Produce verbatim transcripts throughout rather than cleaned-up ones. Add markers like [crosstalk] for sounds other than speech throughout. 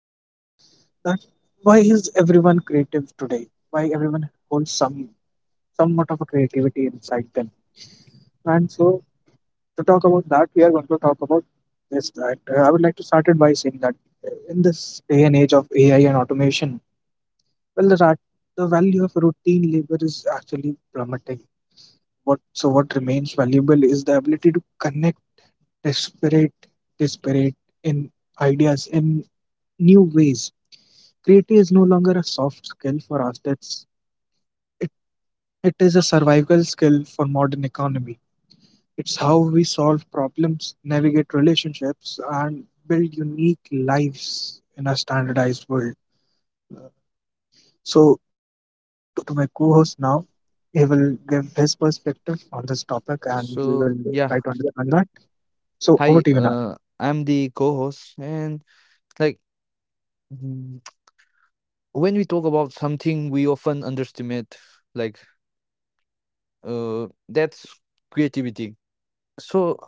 Uh, that Why is everyone creative today? Why everyone holds some somewhat of a creativity inside them? And so, to talk about that, we are going to talk about this. That uh, I would like to start it by saying that uh, in this day and age of A I and automation, well, the rat, the value of routine labor is actually plummeting. What so what remains valuable is the ability to connect desperate, desperate in ideas in new ways. Creativity is no longer a soft skill for us. That's it, it is a survival skill for modern economy. It's how we solve problems, navigate relationships, and build unique lives in a standardized world. So now over to my co-host. Now he will give his perspective on this topic, and we will So try yeah, to understand that. So over hi. to you now. Uh, I'm the co-host, and like mm, when we talk about something, we often underestimate like uh that's creativity. So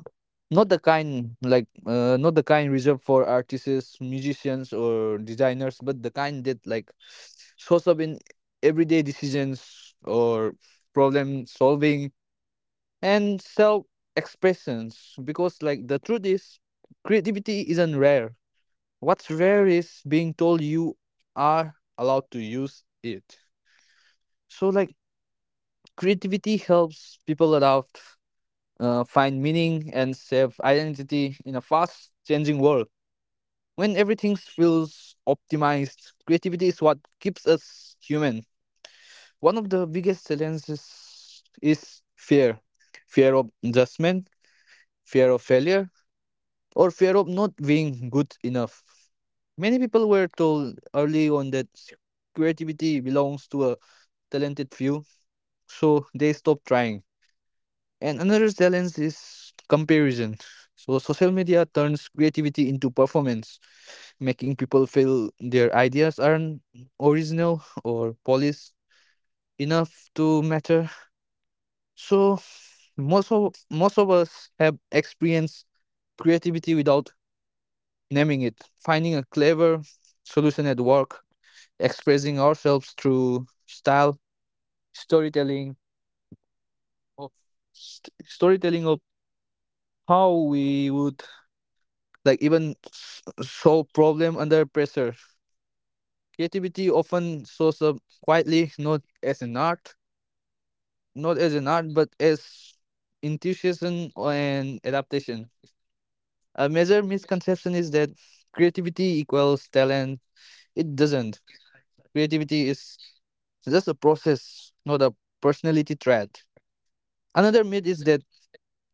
not the kind like uh, not the kind reserved for artists, musicians, or designers, but the kind that like shows up in everyday decisions or problem solving and self expressions. Because like the truth is, creativity isn't rare. What's rare is being told you are allowed to use it. So, like, creativity helps people around uh, find meaning and self identity in a fast changing world. When everything feels optimized, creativity is what keeps us human. One of the biggest challenges is fear fear of judgment, fear of failure, or fear of not being good enough. Many people were told early on that s- creativity belongs to a talented few, so they stopped trying. And another challenge is comparison. So social media turns creativity into performance, making people feel their ideas aren't original or polished enough to matter. So most of most of us have experienced creativity without naming it, finding a clever solution at work, expressing ourselves through style, storytelling, of st- storytelling of how we would like even s- solve problem under pressure. Creativity often shows up quietly, not as an art, not as an art, but as intuition and adaptation. A major misconception is that creativity equals talent. It doesn't. Creativity is just a process, not a personality trait. Another myth is that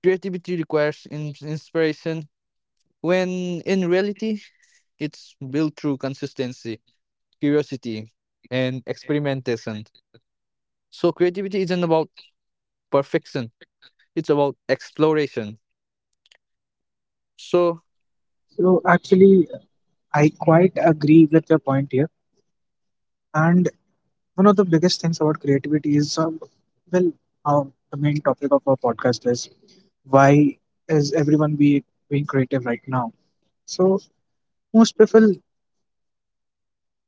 creativity requires in- inspiration, when in reality, it's built through consistency, curiosity, and experimentation. So creativity isn't about perfection; it's about exploration. So So, so actually, I quite agree with your point here. And one of the biggest things about creativity is, uh, well, how the main topic of our podcast is why is everyone be being creative right now? So most people,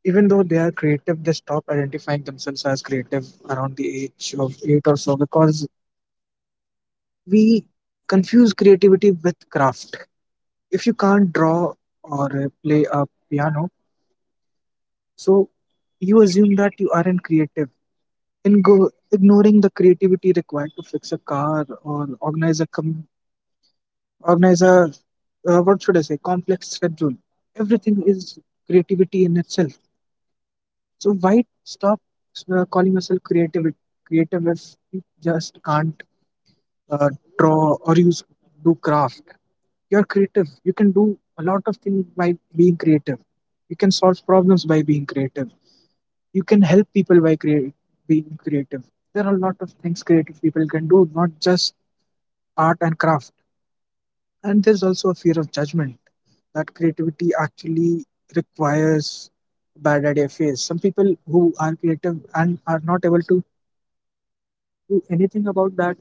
even though they are creative, they stop identifying themselves as creative around the age of eight or so because we confuse creativity with craft. If you can't draw or uh, play a piano, so you assume that you aren't creative in go, ignoring the creativity required to fix a car or organize a com- organize a uh, what should I say complex schedule. Everything is creativity in itself. So why stop uh, calling myself creative? Creative if you just can't uh, draw or use do craft. You're creative. You can do a lot of things by being creative. You can solve problems by being creative. You can help people by create, being creative. There are a lot of things creative people can do, not just art and craft. And there's also a fear of judgment that creativity actually requires bad idea phase. Some people who are creative and are not able to do anything about that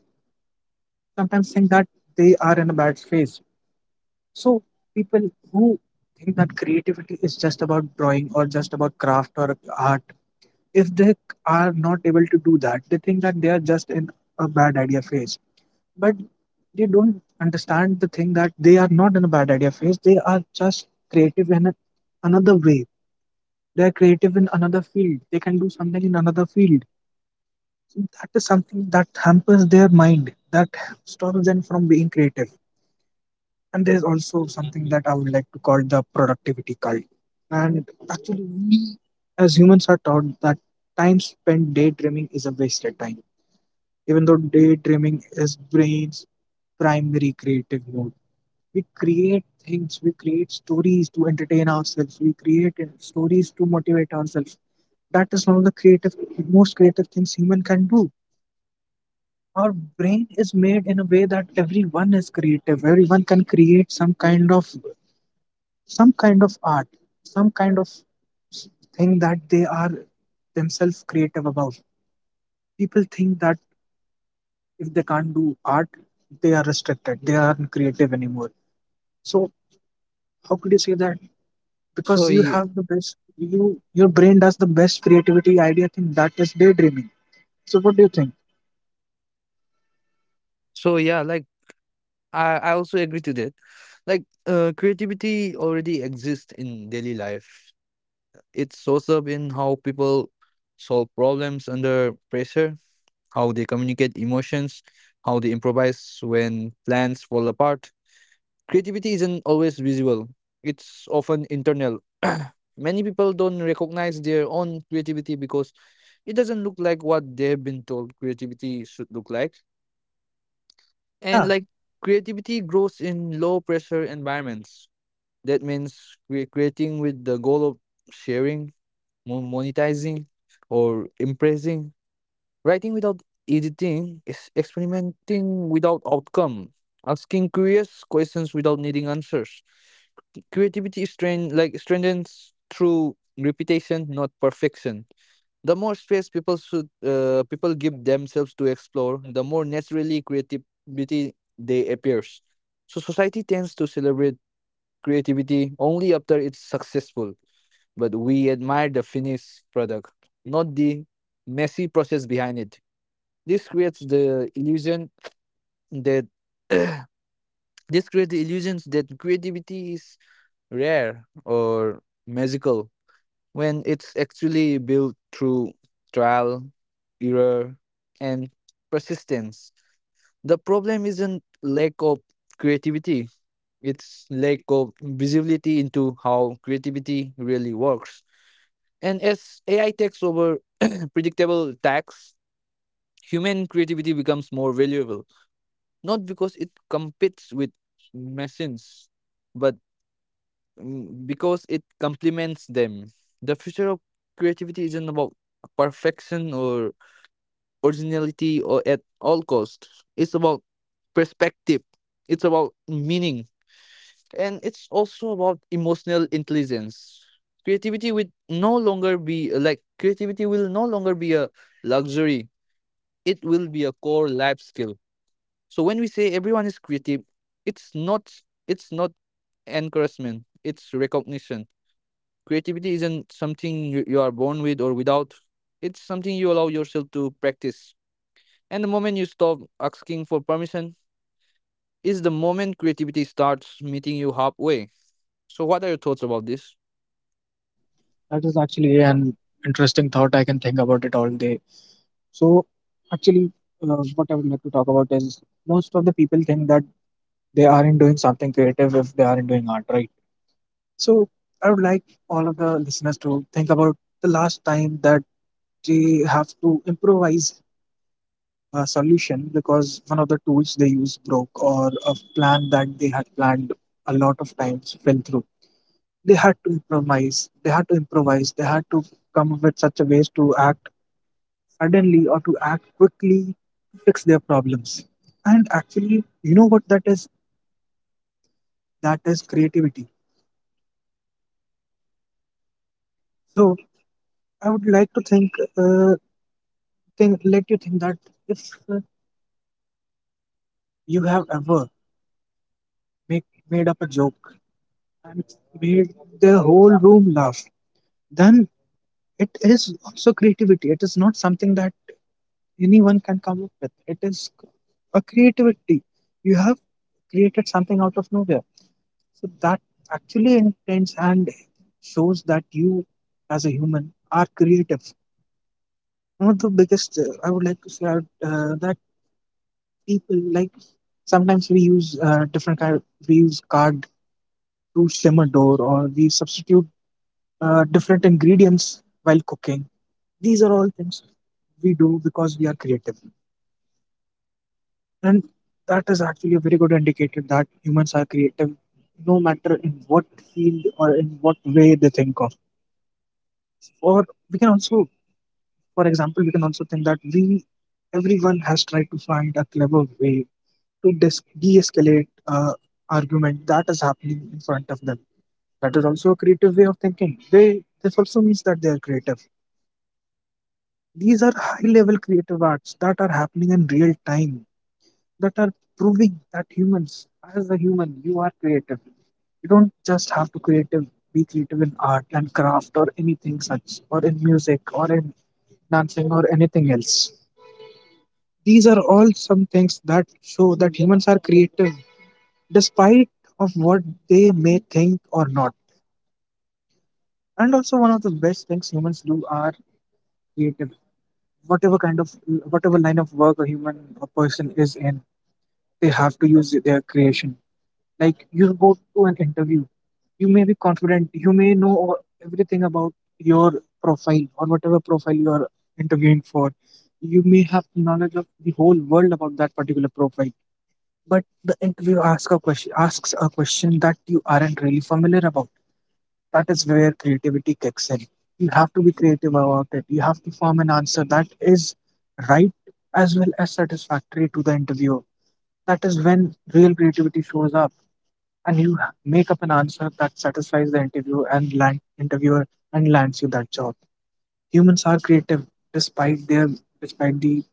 sometimes think that they are in a bad phase. So people who think that creativity is just about drawing or just about craft or art, if they are not able to do that, they think that they are just in a bad idea phase. But they don't understand the thing that they are not in a bad idea phase. They are just creative in a, another way. They are creative in another field. They can do something in another field. So that is something that hampers their mind, that stops them from being creative. And there's also something that I would like to call the productivity cult. And actually, we as humans are taught that time spent daydreaming is a wasted time. Even though daydreaming is brain's primary creative mode, we create things, we create stories to entertain ourselves, we create uh, stories to motivate ourselves. That is one of the creative, most creative things human can do. Our brain is made in a way that everyone is creative. Everyone can create some kind of some kind of art, some kind of thing that they are themselves creative about. People think that if they can't do art, they are restricted, they aren't creative anymore. So how could you say that? Because so, you y- have the best, you your brain does the best creativity idea thing that is daydreaming. So what do you think? so yeah, like I, I also agree to that. Like, uh, creativity already exists in daily life. It shows up in how people solve problems under pressure, how they communicate emotions, how they improvise when plans fall apart. Creativity isn't always visible, it's often internal. [clears throat] Many people don't recognize their own creativity because it doesn't look like what they've been told creativity should look like. And Yeah, like creativity grows in low pressure environments. That means we're creating with the goal of sharing, mo- monetizing, or impressing. Writing without editing is experimenting without outcome, asking curious questions without needing answers. Creativity is trained like strengthens through repetition, not perfection. The more space people should uh, people give themselves to explore, the more naturally creativity they appears. So society tends to celebrate creativity only after it's successful, but we admire the finished product, not the messy process behind it. This creates the illusion that [clears throat] This creates the illusions that creativity is rare or magical when it's actually built through trial, error, and persistence. The problem isn't lack of creativity, it's lack of visibility into how creativity really works. And as A I takes over [clears throat] predictable tasks, human creativity becomes more valuable, not because it competes with machines, but mm, because it complements them. The future of creativity isn't about perfection or originality or at all cost. It's about perspective. It's about meaning. And it's also about emotional intelligence. Creativity will no longer be uh, like creativity will no longer be a luxury. It will be a core life skill. So when we say everyone is creative, it's not it's not encouragement. It's recognition. Creativity isn't something you, you are born with or without. It's something you allow yourself to practice. And the moment you stop asking for permission is the moment creativity starts meeting you halfway. So, what are your thoughts about this? that is actually an interesting thought. I can think about it all day. So actually, uh, what I would like to talk about is most of the people think that they aren't doing something creative if they aren't doing art, right? So I would like all of the listeners to think about the last time that they have to improvise a solution because one of the tools they use broke or a plan that they had planned a lot of times fell through. They had to improvise. They had to improvise. They had to come up with such a ways to act suddenly or to act quickly to fix their problems. And actually, you know what that is? That is creativity. So I would like to think, uh, think let you think that if uh, you have ever make, made up a joke and made the whole room laugh, then it is also creativity. It is not something that anyone can come up with. It is a creativity. You have created something out of nowhere. So that actually intends and shows that you, as a human, are creative. One of the biggest, uh, I would like to say, out, uh, that people like sometimes we use uh, different kind. We use card to shim a door, or we substitute uh, different ingredients while cooking. These are all things we do because we are creative. And that is actually a very good indicator that humans are creative no matter in what field or in what way they think of. Or we can also, for example, we can also think that we, everyone has tried to find a clever way to dis- de-escalate uh, argument that is happening in front of them. That is also a creative way of thinking. They This also means that they are creative. These are high level creative arts that are happening in real time, that are proving that humans, as a human, you are creative. You don't just have to creative be creative in art and craft or anything such, or in music or in dancing or anything else. These are all some things that show that humans are creative despite of what they may think or not. And also one of the best things humans do are creative. Whatever kind of Whatever line of work a human a person is in, they have to use their creation. Like you go to an interview, you may be confident, you may know all- everything about your profile or whatever profile you are interviewing for. You may have knowledge of the whole world about that particular profile, but the interviewer asks a question asks a question that you aren't really familiar about. That is where creativity kicks in. You have to be creative about it. You have to form an answer that is right as well as satisfactory to the interviewer. That is when real creativity shows up, and you ha- make up an answer that satisfies the interview and land interviewer and lands you that job. Humans are creative despite their despite the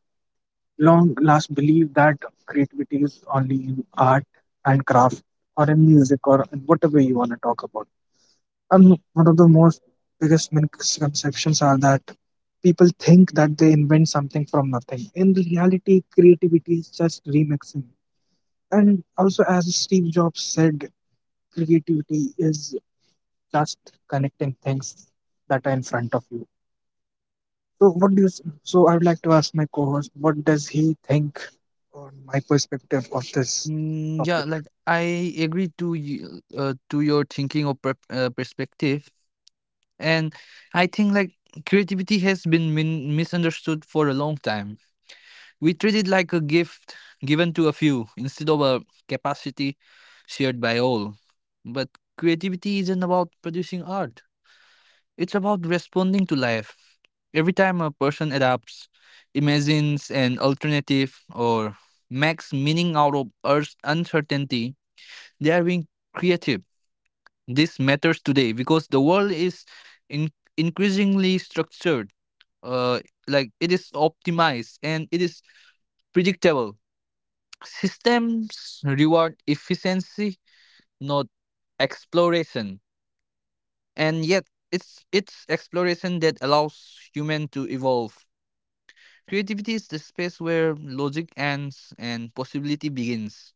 long last belief that creativity is only in art and craft or in music or in whatever you want to talk about. And one of the most biggest misconceptions are that people think that they invent something from nothing. In reality, creativity is just remixing. And also, as Steve Jobs said, creativity is just connecting things that are in front of you. So, what do you? S- So, I would like to ask my co-host, what does he think on my perspective of this Mm, topic? yeah, like I agree to you, uh, to your thinking or per uh, perspective, and I think like creativity has been min misunderstood for a long time. We treat it like a gift given to a few instead of a capacity shared by all. But creativity isn't about producing art. It's about responding to life. Every time a person adapts, imagines an alternative, or makes meaning out of Earth's uncertainty, they are being creative. This matters today because the world is in- increasingly structured, uh, like it is optimized and it is predictable. Systems reward efficiency, not exploration. And yet, it's it's exploration that allows human to evolve. Creativity is the space where logic ends and possibility begins.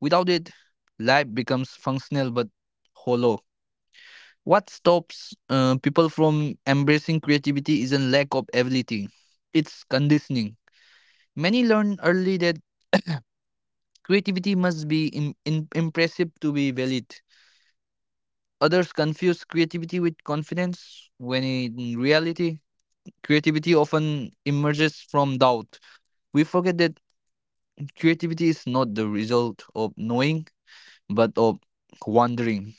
Without it, life becomes functional but hollow. What stops uh, people from embracing creativity isn't lack of ability, it's conditioning. Many learn early that creativity must be im- im- impressive to be valid. Others confuse creativity with confidence, when in reality, creativity often emerges from doubt. We forget that creativity is not the result of knowing, but of wondering.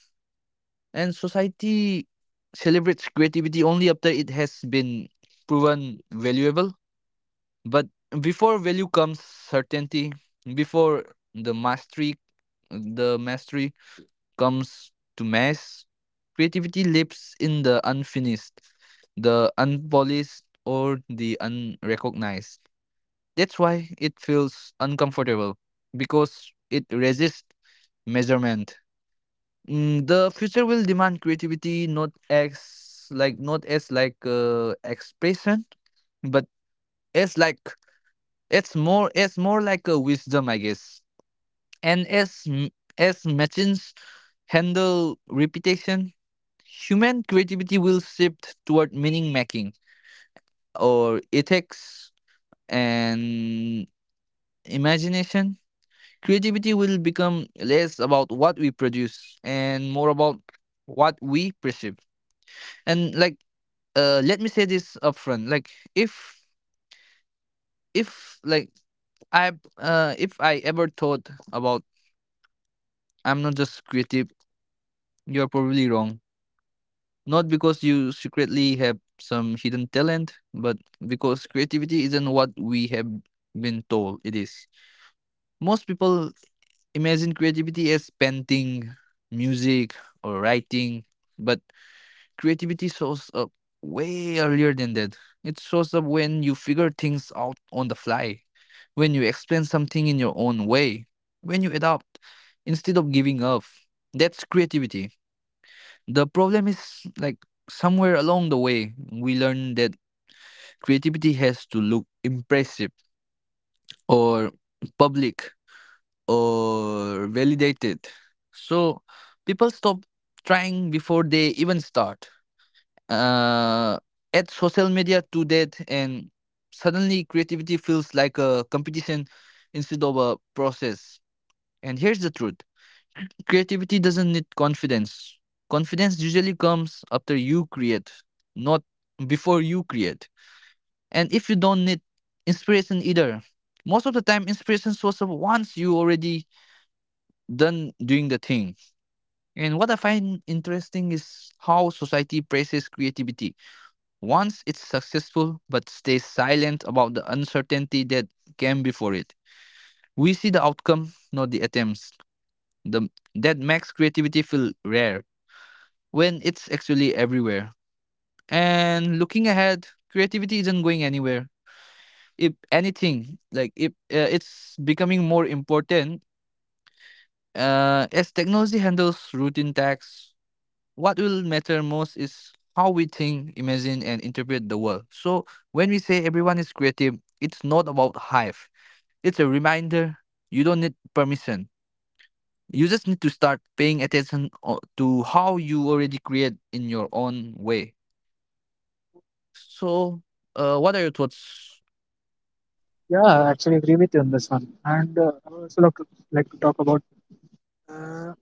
And society celebrates creativity only after it has been proven valuable. But before value comes certainty, before the mastery the mastery comes to mass. Creativity lives in the unfinished, the unpolished, or the unrecognized. That's why it feels uncomfortable because it resists measurement. Mm, the future will demand creativity, not as like not as like uh, expression, but as like it's more it's more like a wisdom, I guess. And as m- as machines handle repetition, human creativity will shift toward meaning making, or ethics, and imagination. Creativity will become less about what we produce and more about what we perceive. And like, uh, let me say this upfront. Like, if if like I, uh, if I ever thought about I'm not just creative, you're probably wrong. Not because you secretly have some hidden talent, but because creativity isn't what we have been told it is. Most people imagine creativity as painting, music, or writing, but creativity shows up way earlier than that. It shows up when you figure things out on the fly, when you explain something in your own way, when you adapt instead of giving up. That's creativity. The problem is, like somewhere along the way, we learn that creativity has to look impressive or public or validated. So people stop trying before they even start. uh, at social media to that, and suddenly creativity feels like a competition instead of a process. And here's the truth: creativity doesn't need confidence. Confidence usually comes after you create, not before you create. And if you don't need inspiration either, most of the time inspiration shows up once you already done doing the thing. And what I find interesting is how society praises creativity once it's successful but stays silent about the uncertainty that came before it. We see the outcome, not the attempts. The, that makes creativity feel rare when it's actually everywhere. And looking ahead, creativity isn't going anywhere. If anything, like if uh, it's becoming more important, uh, as technology handles routine tasks. What will matter most is how we think, imagine, and interpret the world. So when we say everyone is creative, it's not about hype. It's a reminder: you don't need permission. You just need to start paying attention o- to how you already create in your own way. So, uh, what are your thoughts? Yeah, I actually agree with you on this one. And uh, I would also like to, like to talk about Uh,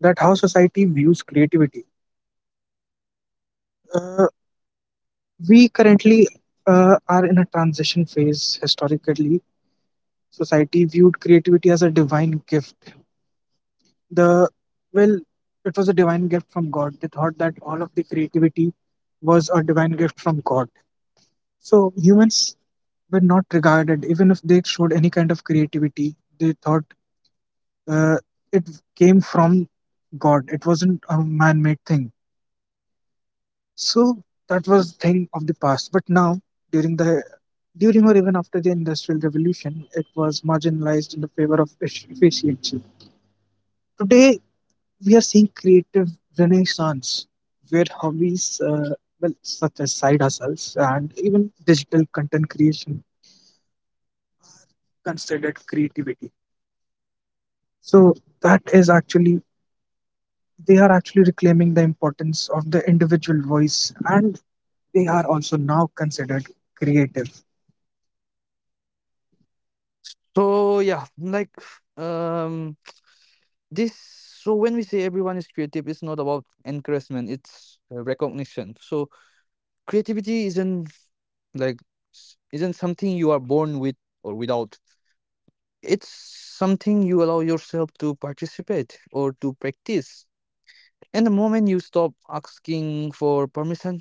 that how society views creativity. Uh, we currently uh, are in a transition phase. Historically, society viewed creativity as a divine gift the Well, it was a divine gift from God. They thought that all of the creativity was a divine gift from God. So humans were not regarded. Even if they showed any kind of creativity, they thought uh, it came from God. It wasn't a man-made thing. So that was thing of the past. But now, during the during or even after the industrial revolution, it was marginalized in the favor of efficiency. Today, we are seeing creative renaissance where hobbies, uh, well such as side hustles and even digital content creation, considered creativity. So that is actually, they are actually reclaiming the importance of the individual voice, and they are also now considered creative. So yeah, like um, this. So when we say everyone is creative, it's not about encouragement. It's uh, recognition. So creativity isn't like s- isn't something you are born with or without. It's something you allow yourself to participate or to practice. And the moment you stop asking for permission,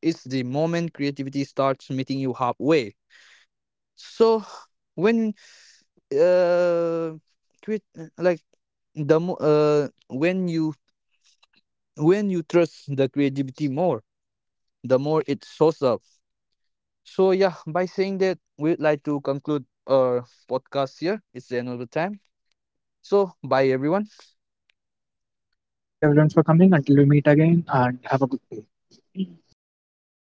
it's the moment creativity starts meeting you halfway. So when uh create like the mo- uh when you when you trust the creativity more, the more it shows up. So yeah, by saying that, we'd like to conclude our podcast here. It's the end of the time. So bye everyone. So thank you everyone for coming. Until we meet again, and have a good day.